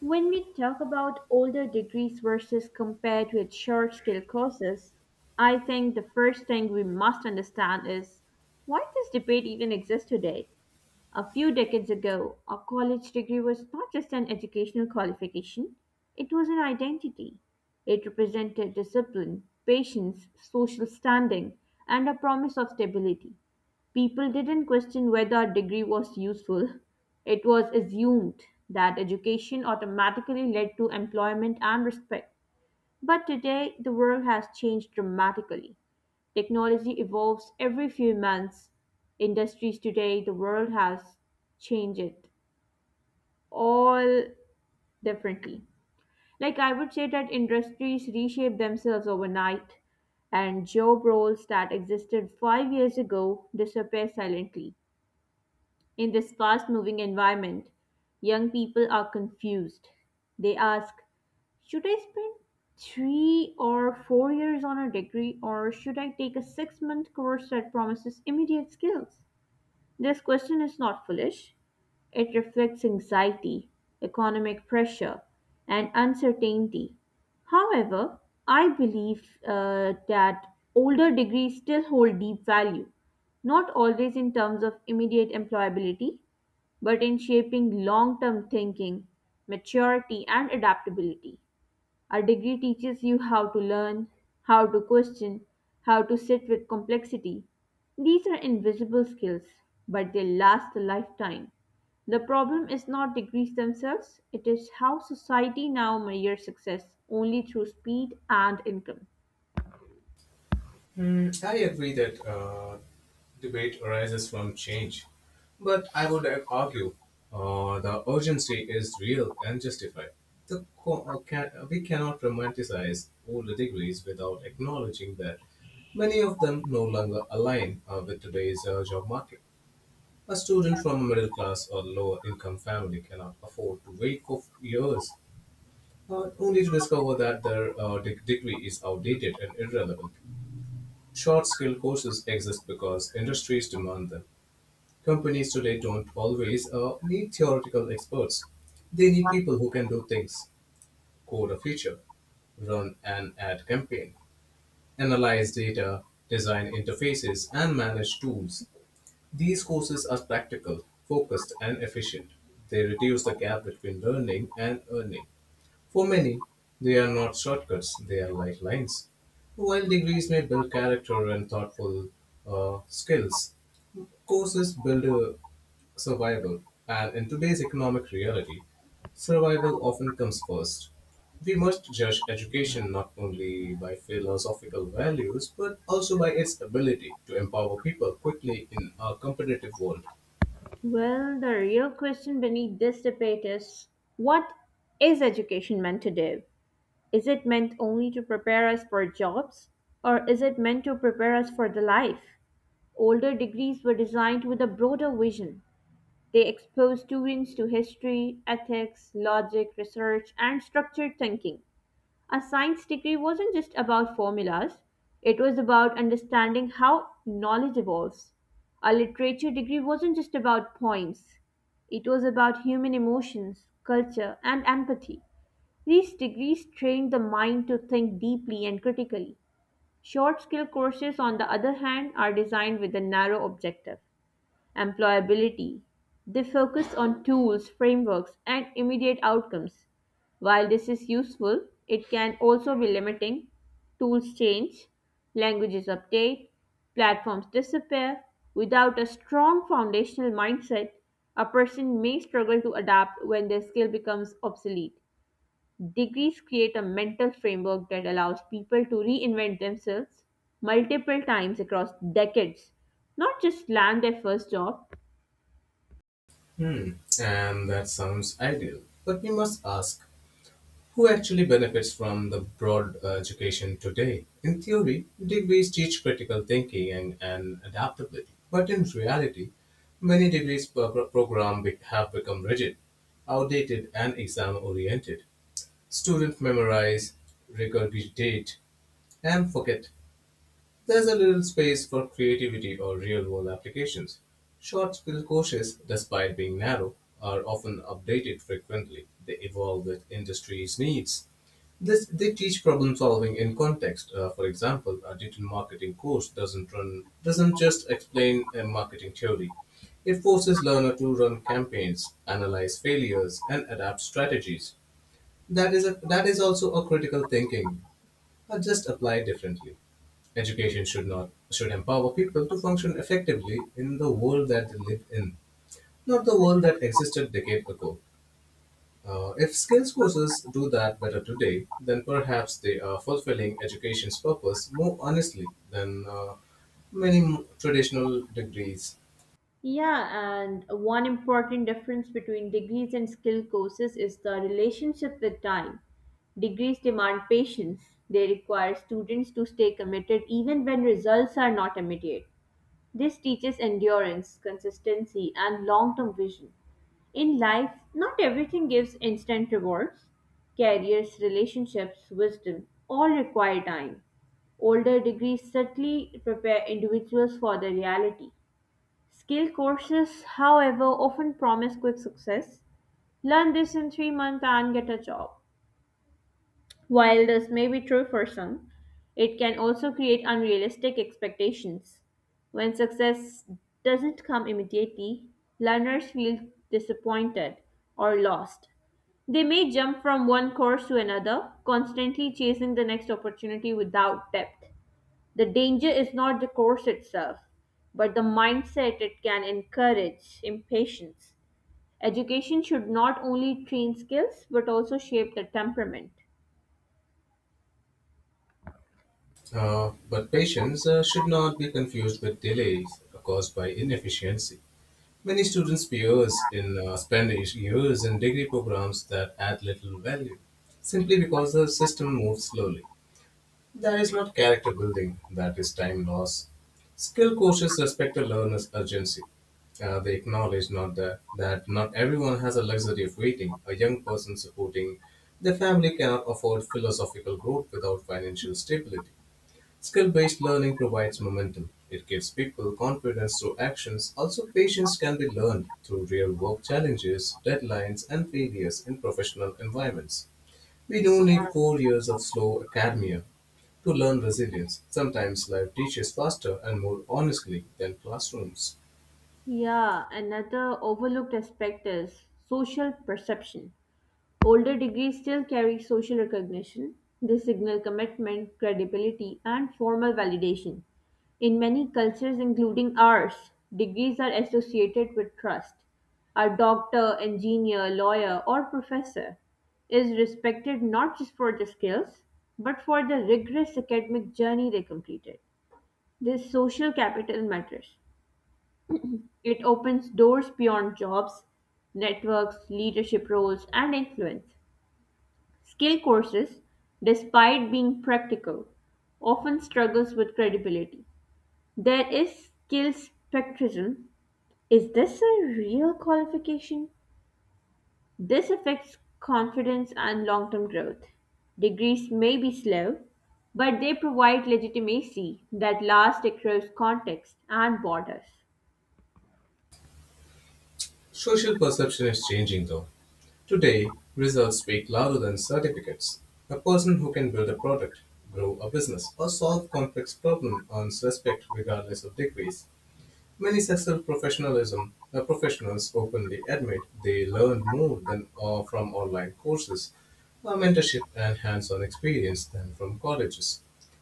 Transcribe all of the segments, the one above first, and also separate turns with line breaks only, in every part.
When we talk about older degrees versus compared with short skill courses, I think the first thing we must understand is why this debate even exists today. A few decades ago, a college degree was not just an educational qualification, it was an identity. It represented discipline, patience, social standing, and a promise of stability. People didn't question whether a degree was useful, it was assumed that education automatically led to employment and respect. But today, the world has changed dramatically. Technology evolves every few months. Industries today, the world has changed it all differently. Like I would say that industries reshape themselves overnight and job roles that existed 5 years ago disappear silently. In this fast moving environment, young people are confused. They ask, should I spend 3 or 4 years on a degree or should I take a 6 month course that promises immediate skills? This question is not foolish, it reflects anxiety, economic pressure, and uncertainty. However, I believe that older degrees still hold deep value, not always in terms of immediate employability, but in shaping long term thinking, maturity, and adaptability. A degree teaches you how to learn, how to question, how to sit with complexity. These are invisible skills, but they last a lifetime. The problem is not degrees themselves, it is how society now measures success only through speed and income.
Mm, I agree that debate arises from change, but I would argue the urgency is real and justified. We cannot romanticize old degrees without acknowledging that many of them no longer align with today's job market. A student from a middle class or lower income family cannot afford to wait for years only to discover that their degree is outdated and irrelevant. Short skill courses exist because industries demand them. Companies today don't always need theoretical experts. They need people who can do things, code a feature, run an ad campaign, analyze data, design interfaces, and manage tools. These courses are practical, focused, and efficient. They reduce the gap between learning and earning. For many, they are not shortcuts, they are lifelines. While degrees may build character and thoughtful skills, courses build survival. And in today's economic reality, survival often comes first. We must judge education not only by philosophical values, but also by its ability to empower people quickly in a competitive world.
Well, the real question beneath this debate is what is education meant to do? Is it meant only to prepare us for jobs, or is it meant to prepare us for the life? Older degrees were designed with a broader vision. They expose students to history, ethics, logic, research, and structured thinking. A science degree wasn't just about formulas, it was about understanding how knowledge evolves. A literature degree wasn't just about points, it was about human emotions, culture, and empathy. These degrees train the mind to think deeply and critically. Short skill courses, on the other hand, are designed with a narrow objective, employability. They focus on tools, frameworks, and immediate outcomes. While this is useful, it can also be limiting. Tools change, languages update, platforms disappear. Without a strong foundational mindset, a person may struggle to adapt when their skill becomes obsolete. Degrees create a mental framework that allows people to reinvent themselves multiple times across decades, not just land their first job.
Hmm, and that sounds ideal. But we must ask, who actually benefits from the broad education today? In theory, degrees teach critical thinking and adaptability, but in reality, many degrees programs have become rigid, outdated, and exam oriented. Students memorize, regurgitate, and forget there's a little space for creativity or real world applications. Short skill courses, despite being narrow, are often updated frequently. They evolve with industry's needs. This, they teach problem solving in context. For example, a digital marketing course doesn't just explain a marketing theory. It forces learner to run campaigns, analyze failures, and adapt strategies. That is also a critical thinking are just applied differently. Education should not should empower people to function effectively in the world that they live in, not the world that existed a decade ago. If skills courses do that better today, then perhaps they are fulfilling education's purpose more honestly than many traditional degrees.
Yeah, and one important difference between degrees and skill courses is the relationship with time. Degrees demand patience. They require students to stay committed even when results are not immediate. This teaches endurance, consistency, and long term vision. In life, not everything gives instant rewards. Careers, relationships, wisdom all require time. Older degrees certainly prepare individuals for the reality. Skill courses, however, often promise quick success. Learn this in 3 months and get a job. While this may be true for some, it can also create unrealistic expectations. When success doesn't come immediately, learners feel disappointed or lost. They may jump from one course to another, constantly chasing the next opportunity without depth. The danger is not the course itself, but the mindset it can encourage, impatience. Education should not only train skills but also shape the temperament.
But patience should not be confused with delays caused by inefficiency. Many students peers in spend years in degree programs that add little value, simply because the system moves slowly. That is not character building, that is time loss. Skill coaches respect a learner's urgency. They acknowledge not that, that not everyone has a luxury of waiting. A young person supporting their family cannot afford philosophical growth without financial stability. Skill based learning provides momentum. It gives people confidence through actions. Also, patience can be learned through real work challenges, deadlines, and failures in professional environments. We don't need 4 years of slow academia to learn resilience. Sometimes life teaches faster and more honestly than classrooms.
Yeah, another overlooked aspect is social perception. Older degrees still carry social recognition. They signal commitment, credibility, and formal validation. In many cultures, including ours, degrees are associated with trust. A doctor, engineer, lawyer, or professor is respected not just for the skills, but for the rigorous academic journey they completed. This social capital matters. It opens doors beyond jobs, networks, leadership roles, and influence. Skill courses, despite being practical, often struggles with credibility. There is skill spectrism. Is this a real qualification? This affects confidence and long-term growth. Degrees may be slow, but they provide legitimacy that lasts across context and borders.
Social perception is changing though. Today, results speak louder than certificates. A person who can build a product, grow a business, or solve complex problems earns respect regardless of degrees. Many successful professionalism professionals openly admit they learned more than from online courses, mentorship, and hands-on experience than from colleges.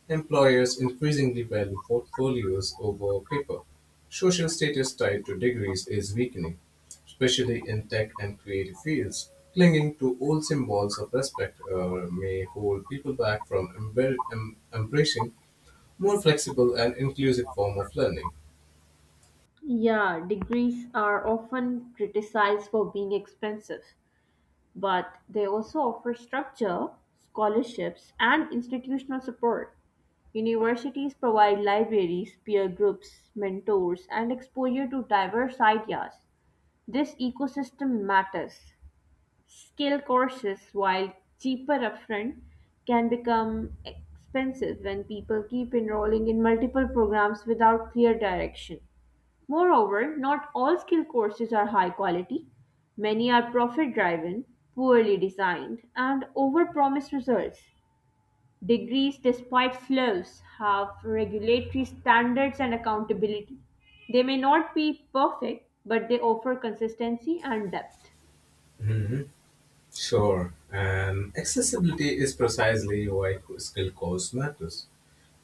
Employers increasingly value portfolios over paper. Social status tied to degrees is weakening, especially in tech and creative fields. Clinging to old symbols of respect may hold people back from embracing more flexible and inclusive form of learning.
Yeah, degrees are often criticized for being expensive, but they also offer structure, scholarships, and institutional support. Universities provide libraries, peer groups, mentors, and exposure to diverse ideas. This ecosystem matters. Skill courses, while cheaper upfront, can become expensive when people keep enrolling in multiple programs without clear direction. Moreover, not all skill courses are high quality; many are profit-driven, poorly designed, and overpromise results. Degrees, despite flaws, have regulatory standards and accountability. They may not be perfect, but they offer consistency and depth.
Sure, and accessibility is precisely why skill course matters.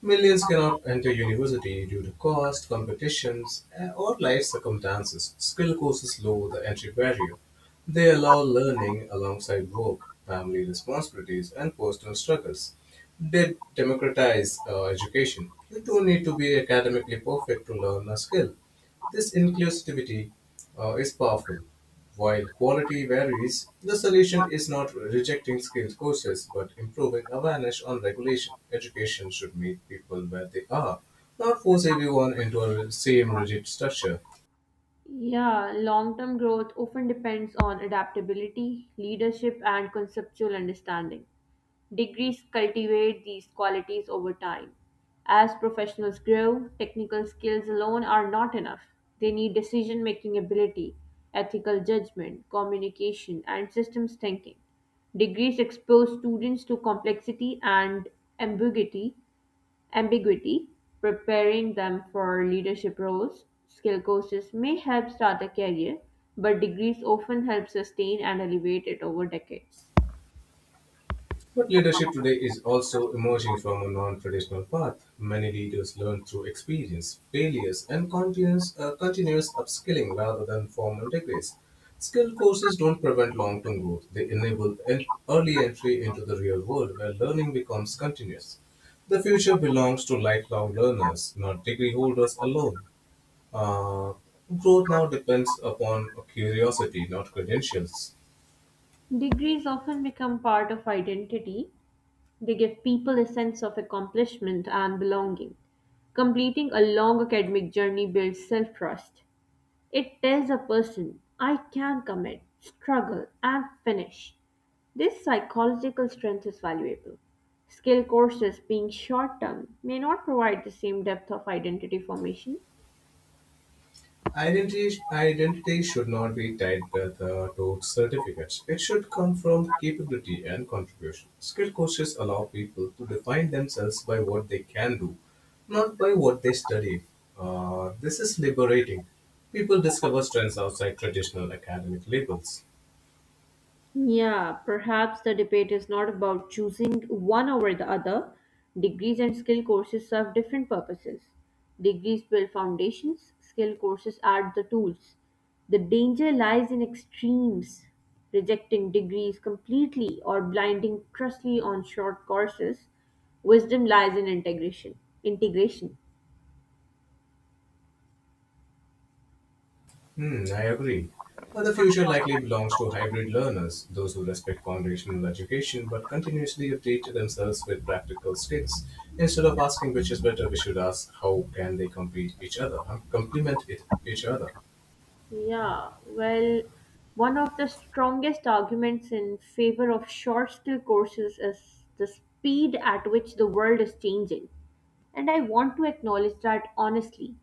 Millions cannot enter university due to cost, competitions, or life circumstances. Skill courses lower the entry barrier. They allow learning alongside work, family responsibilities, and personal struggles. They democratize education. You don't need to be academically perfect to learn a skill. This inclusivity is powerful. While quality varies, the solution is not rejecting skills courses but improving awareness on regulation. Education should meet people where they are, not force everyone into a same rigid structure.
Yeah, long term growth often depends on adaptability, leadership, and conceptual understanding. Degrees cultivate these qualities over time. As professionals grow, technical skills alone are not enough. They need decision making ability, ethical judgment, communication, and systems thinking. Degrees expose students to complexity and ambiguity, Ambiguity, preparing them for leadership roles. Skill courses may help start a career, but degrees often help sustain and elevate it over decades.
But leadership today is also emerging from a non traditional path. Many leaders learn through experience, failures, and continuous upskilling rather than formal degrees. Skill courses don't prevent long term growth, they enable early entry into the real world where learning becomes continuous. The future belongs to lifelong learners, not degree holders alone. Uh, Growth now depends upon curiosity, not credentials.
Degrees often become part of identity. They give people a sense of accomplishment and belonging. Completing a long academic journey builds self trust. It tells a person, I can commit, struggle, and finish. This psychological strength is valuable. Skill courses, being short term, may not provide the same depth of identity formation.
Identity should not be tied to certificates. It should come from capability and contribution. Skill courses allow people to define themselves by what they can do, not by what they study. This is liberating. People discover strengths outside traditional academic labels.
Yeah, perhaps the debate is not about choosing one over the other. Degrees and skill courses serve different purposes. Degrees build foundations, skill courses add the tools. The danger lies in extremes, rejecting degrees completely or blinding trustly on short courses. Wisdom lies in integration.
Hmm, I agree. Well, the future likely belongs to hybrid learners, those who respect foundational education but continuously update themselves with practical skills. Instead of asking which is better, we should ask how can they complete each other, huh? Complement it, each other.
Yeah, well, one of the strongest arguments in favor of short skill courses is the speed at which the world is changing. And I want to acknowledge that honestly.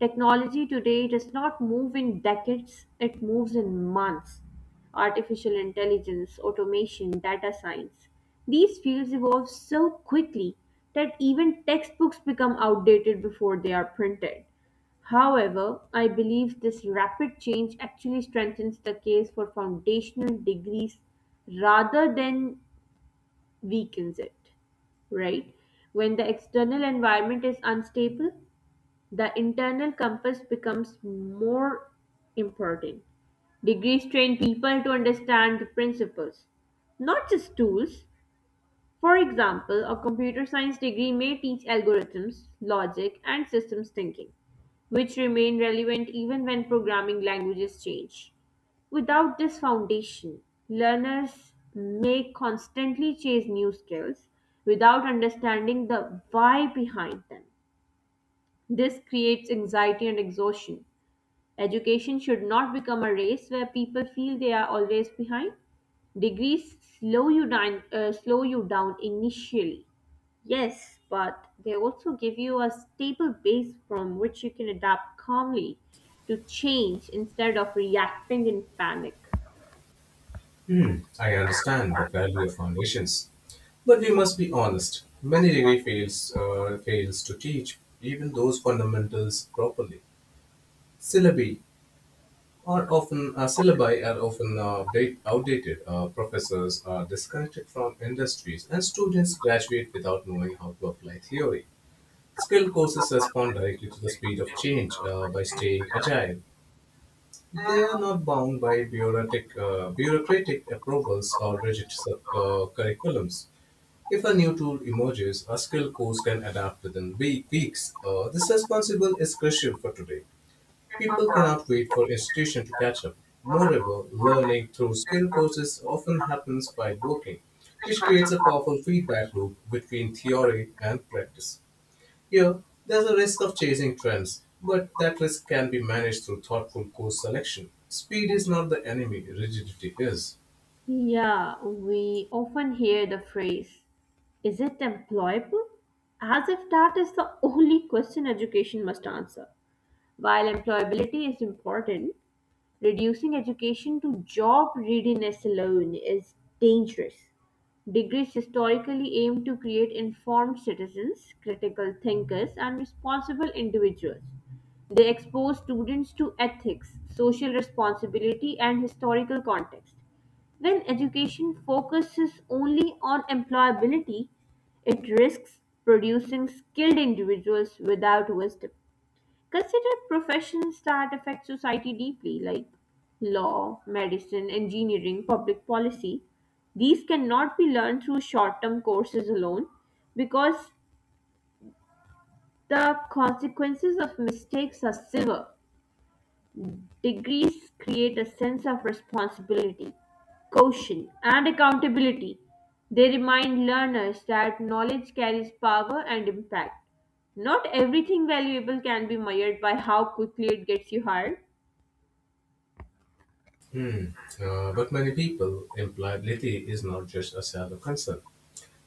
Technology today does not move in decades, it moves in months. Artificial intelligence, automation, data science. These fields evolve so quickly that even textbooks become outdated before they are printed. However, I believe this rapid change actually strengthens the case for foundational degrees rather than weakens it, right? When the external environment is unstable, the internal compass becomes more important. Degrees train people to understand the principles, not just tools. For example, a computer science degree may teach algorithms, logic, and systems thinking, which remain relevant even when programming languages change. Without this foundation, learners may constantly chase new skills without understanding the why behind them. This creates anxiety and exhaustion. Education should not become a race where people feel they are always behind. Degrees slow you down initially. Yes, but they also give you a stable base from which you can adapt calmly to change instead of reacting in panic.
I understand the value of foundations, but we must be honest. Many degree fails fails to teach even those fundamentals properly. Syllabi are often outdated. Professors are disconnected from industries, and students graduate without knowing how to apply theory. Skilled courses respond directly to the speed of change by staying agile. They are not bound by bureaucratic approvals or rigid curriculums. If a new tool emerges, a skill course can adapt within weeks. This responsibility is crucial for today. People cannot wait for institutions to catch up. Moreover, learning through skill courses often happens while working, which creates a powerful feedback loop between theory and practice. Here, there's a risk of chasing trends, but that risk can be managed through thoughtful course selection. Speed is not the enemy, rigidity is.
Yeah, we often hear the phrase, is it employable? As if that is the only question education must answer. While employability is important, reducing education to job readiness alone is dangerous. Degrees historically aim to create informed citizens, critical thinkers, and responsible individuals. They expose students to ethics, social responsibility, and historical context. When education focuses only on employability, it risks producing skilled individuals without wisdom. Consider professions that affect society deeply, like law, medicine, engineering, public policy. These cannot be learned through short term courses alone because the consequences of mistakes are severe. Degrees create a sense of responsibility, caution, and accountability. They remind learners that knowledge carries power and impact. Not everything valuable can be measured by how quickly it gets you hired.
Hmm. But many people imply Liti is not just a shallow concern.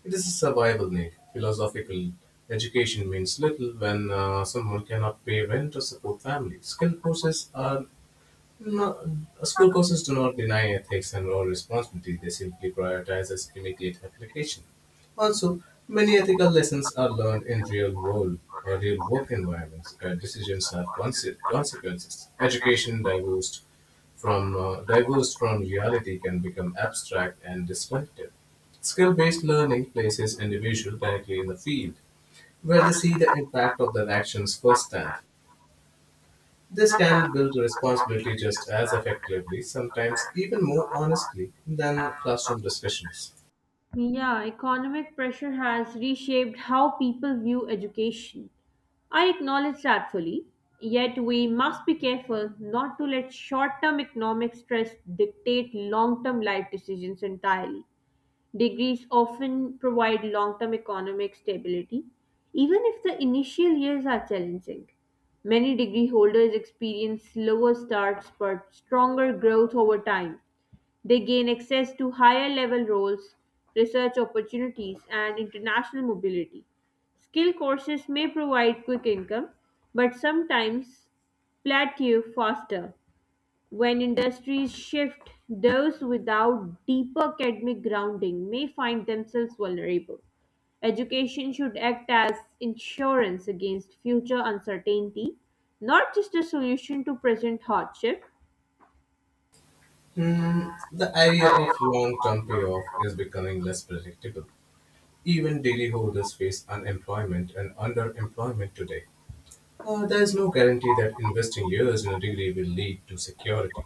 It is a survival need. Philosophical education means little when someone cannot pay rent or support family. Skill courses are no, school courses do not deny ethics and moral responsibility, they simply prioritize its immediate application. Also, many ethical lessons are learned in real world or real work environments where decisions have consequences. Education divorced from reality can become abstract and destructive. Skill-based learning places individuals directly in the field where they see the impact of their actions firsthand. This can build responsibility just as effectively, sometimes even more honestly, than classroom discussions.
Yeah, economic pressure has reshaped how people view education. I acknowledge that fully, yet we must be careful not to let short term economic stress dictate long term life decisions entirely. Degrees often provide long term economic stability, even if the initial years are challenging. Many degree holders experience slower starts but stronger growth over time. They gain access to higher level roles, research opportunities, and international mobility. Skill courses may provide quick income, but sometimes plateau faster. When industries shift, those without deeper academic grounding may find themselves vulnerable. Education should act as insurance against future uncertainty, not just a solution to present hardship.
Hmm, the idea of long term payoff is becoming less predictable. Even daily holders face unemployment and underemployment today. There is no guarantee that investing years in a degree will lead to security.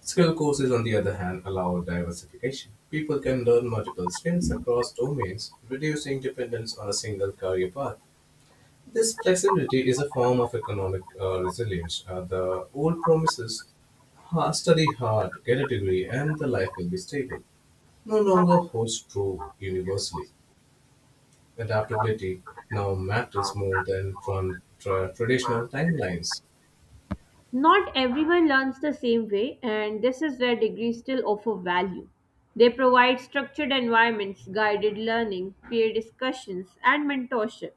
Skill courses, on the other hand, allow diversification. People can learn multiple skills across domains, reducing dependence on a single career path. This flexibility is a form of economic resilience. The old promises, "Ha- study hard, get a degree, and the life will be stable, no longer holds true universally. Adaptability now matters more than traditional timelines.
Not everyone learns the same way, and this is where degrees still offer value. They provide structured environments, guided learning, peer discussions, and mentorship.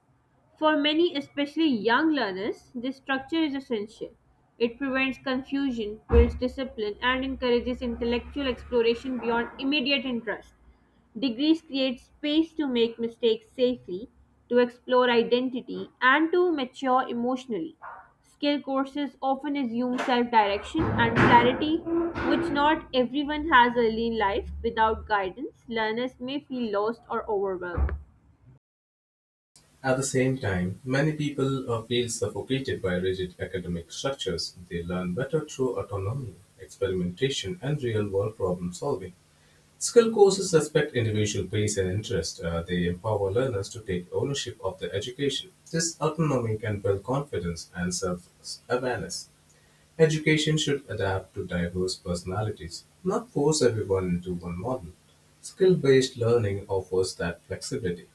For many, especially young learners, this structure is essential. It prevents confusion, builds discipline, and encourages intellectual exploration beyond immediate interest. Degrees create space to make mistakes safely, to explore identity, and to mature emotionally. Skill courses often assume self direction and clarity, which not everyone has early in life. Without guidance, learners may feel lost or overwhelmed.
At the same time, many people feel suffocated by rigid academic structures. They learn better through autonomy, experimentation, and real world problem solving. Skill courses respect individual pace and interest. They empower learners to take ownership of their education. This autonomy can build confidence and self awareness. Education should adapt to diverse personalities, not force everyone into one model. Skill based learning offers that flexibility.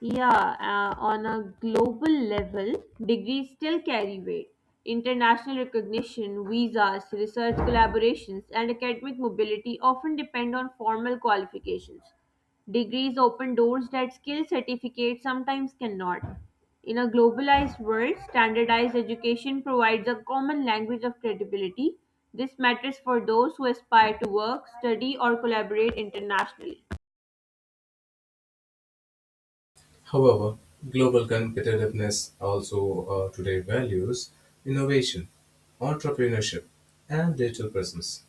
Yeah, on a global level, degrees still carry weight. International recognition, visas, research collaborations, and academic mobility often depend on formal qualifications. Degrees open doors that skill certificates sometimes cannot. In a globalized world, standardized education provides a common language of credibility. This matters for those who aspire to work, study, or collaborate internationally.
However, global competitiveness also today values innovation, entrepreneurship, and digital presence.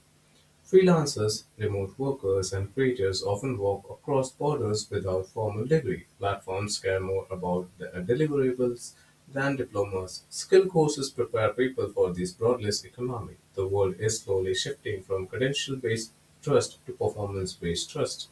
Freelancers, remote workers, and creators often work across borders without formal degree. Platforms care more about their deliverables than diplomas. Skill courses prepare people for this broadless economy. The world is slowly shifting from credential based trust to performance based trust.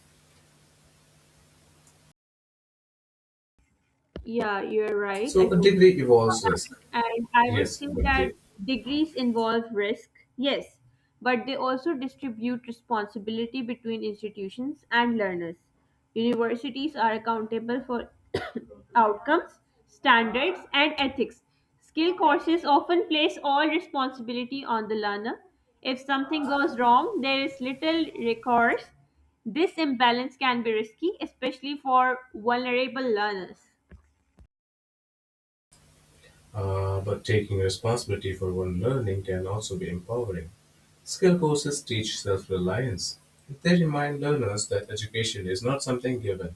Yeah, you're right. I
So, a
do.
degree evolves risk,
And I would
yes,
say
but,
that
the,
degrees involve risk, yes, but they also distribute responsibility between institutions and learners. Universities are accountable for outcomes, standards, and ethics. Skill courses often place all responsibility on the learner. If something goes wrong, there is little recourse. This imbalance can be risky, especially for vulnerable learners.
uh, but taking responsibility for one's learning can also be empowering. Skill courses teach self reliance. They remind learners that education is not something given,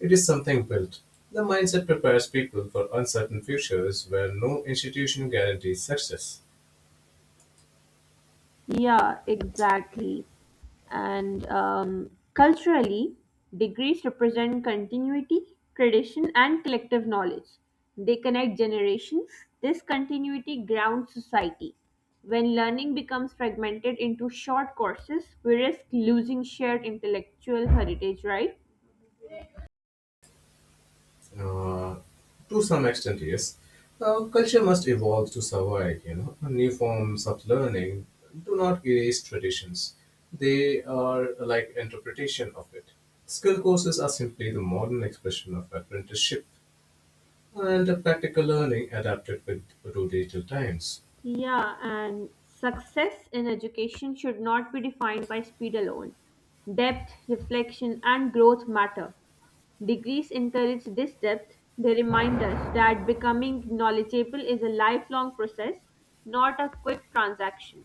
it is something built. The mindset prepares people for uncertain futures where no institution guarantees success.
Yeah, exactly. And culturally, degrees represent continuity, tradition, and collective knowledge. They connect generations. This continuity grounds society. When learning becomes fragmented into short courses, we risk losing shared intellectual heritage, right?
Uh, to some extent, yes. Culture must evolve to survive, you know. New forms of learning do not erase traditions, they are like interpretation of it. Skill courses are simply the modern expression of apprenticeship and practical learning adapted with to digital times.
Yeah, and success in education should not be defined by speed alone. Depth, reflection, and growth matter. Degrees encourage this depth. They remind us that becoming knowledgeable is a lifelong process, not a quick transaction.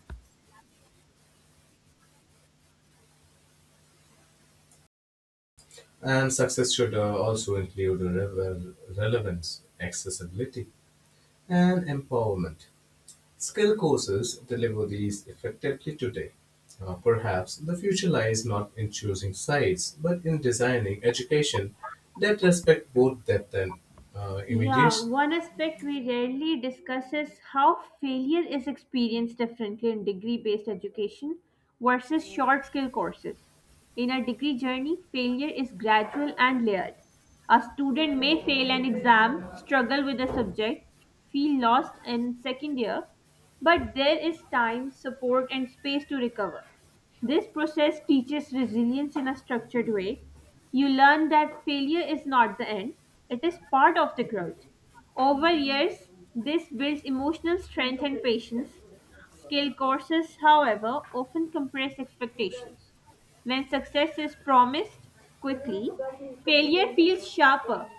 And success should also include relevance, accessibility, and empowerment. Skill courses deliver these effectively today. Perhaps the future lies not in choosing sides, but in designing education that respect both depth and
Yeah,
immediacy.
one aspect we rarely discuss is how failure is experienced differently in degree based education versus short skill courses. In a degree journey, failure is gradual and layered. A student may fail an exam, struggle with a subject, feel lost in second year, but there is time, support, and space to recover. This process teaches resilience in a structured way. You learn that failure is not the end, it is part of the growth. Over years, this builds emotional strength and patience. Skill courses, however, often compress expectations. When success is promised quickly, failure feels sharper.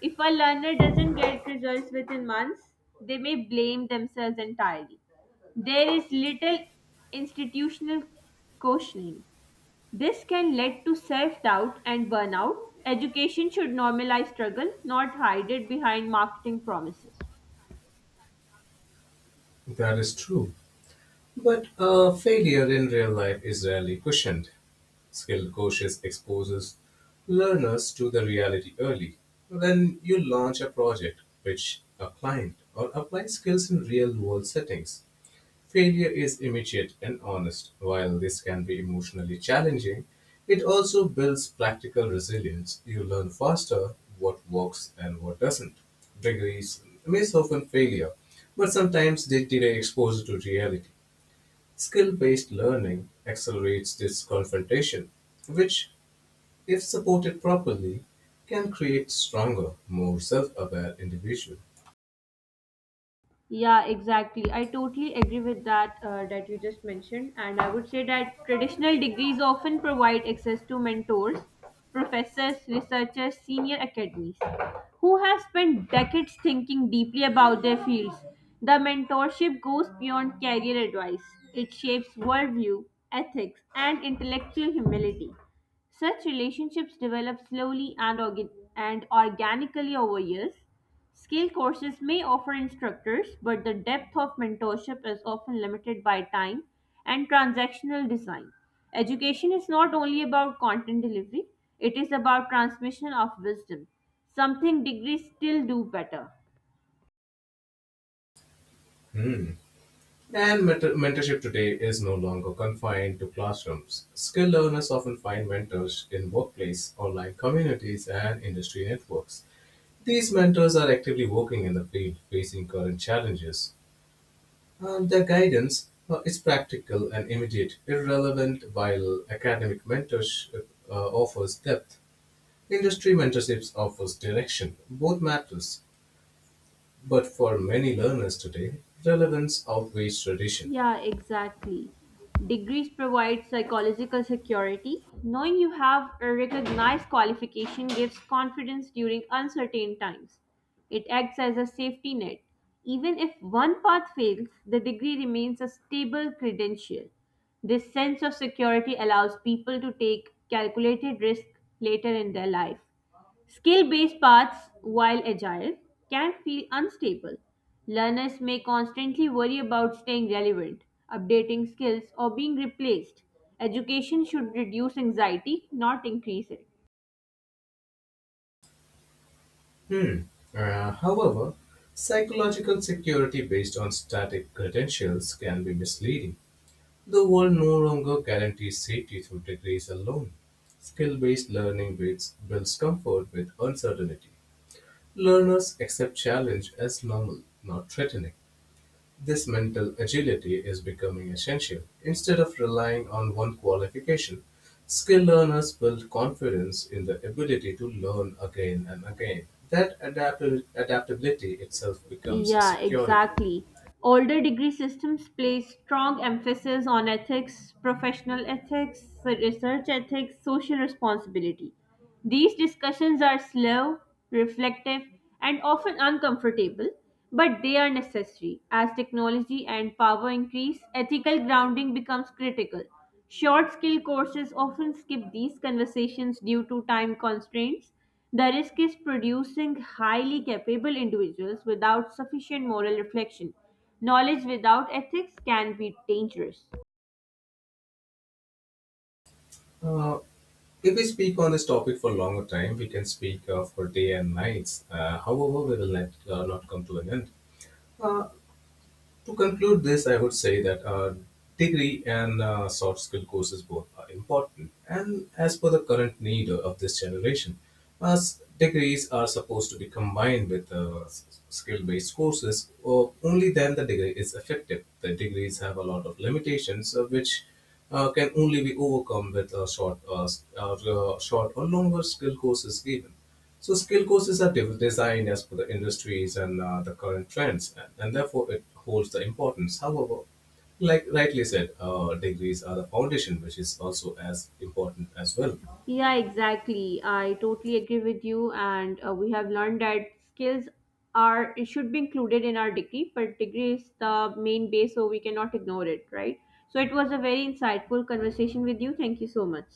If a learner doesn't get results within months, they may blame themselves entirely. There is little institutional cautioning. This can lead to self doubt and burnout. Education should normalize struggle, not hide it behind marketing promises.
That is true. But failure in real life is rarely cushioned. Skilled coaches exposes learners to the reality early. When you launch a project, which a client, or apply skills in real-world settings, failure is immediate and honest. While this can be emotionally challenging, it also builds practical resilience. You learn faster what works and what doesn't. Degrees may soften failure, but sometimes they delay exposure to reality. Skill-based learning accelerates this confrontation, which, if supported properly, can create stronger, more self-aware individuals.
Yeah, exactly. I totally agree with that that you just mentioned, and I would say that traditional degrees often provide access to mentors, professors, researchers, senior academies who have spent decades thinking deeply about their fields. The mentorship goes beyond career advice. It shapes worldview, ethics, and intellectual humility. Such relationships develop slowly and organically over years. Skill courses may offer instructors, but the depth of mentorship is often limited by time and transactional design. Education is not only about content delivery, it is about transmission of wisdom, something degrees still do better.
And mentorship today is no longer confined to classrooms. Skill learners often find mentors in workplace, online communities, and industry networks. These mentors are actively working in the field, facing current challenges. The guidance is practical and immediate, irrelevant, while academic mentorship offers depth. Industry mentorships offers direction. Both matters, but for many learners today, relevance outweighs tradition.
Yeah, exactly. Degrees provide psychological security. Knowing you have a recognized qualification gives confidence during uncertain times. It acts as a safety net. Even if one path fails, the degree remains a stable credential. This sense of security allows people to take calculated risk later in their life. Skill based paths, while agile, can feel unstable. Learners may constantly worry about staying relevant, updating skills, or being replaced. Education should reduce anxiety, not increase it.
Hmm. However, psychological security based on static credentials can be misleading. The world no longer guarantees safety through degrees alone. Skill based learning builds comfort with uncertainty. Learners accept challenge as normal, not threatening. This mental agility is becoming essential. Instead of relying on one qualification, skilled learners build confidence in the ability to learn again and again. That adaptability itself becomes a
Yeah,
security.
exactly. Older degree systems place strong emphasis on ethics, professional ethics, research ethics, social responsibility. These discussions are slow, reflective, and often uncomfortable, but they are necessary. As technology and power increase, ethical grounding becomes critical. Short skill courses often skip these conversations due to time constraints, the risk is producing highly capable individuals without sufficient moral reflection. Knowledge without ethics can be dangerous.
Uh, if we speak on this topic for a longer time, we can speak for day and nights. However, we will not come to an end. Uh, To conclude this, I would say that degree and soft skill courses both are important. And as per the current need of this generation, degrees are supposed to be combined with skill based courses, or only then the degree is effective. The degrees have a lot of limitations, which can only be overcome with short, short or longer skill courses given. So skill courses are designed as per the industries and the current trends, and therefore it holds the importance. However, like rightly said, degrees are the foundation, which is also as important as well.
Yeah, exactly. I totally agree with you. And we have learned that skills are it should be included in our degree, but degree is the main base, so we cannot ignore it, right? So it was a very insightful conversation with you. Thank you so much.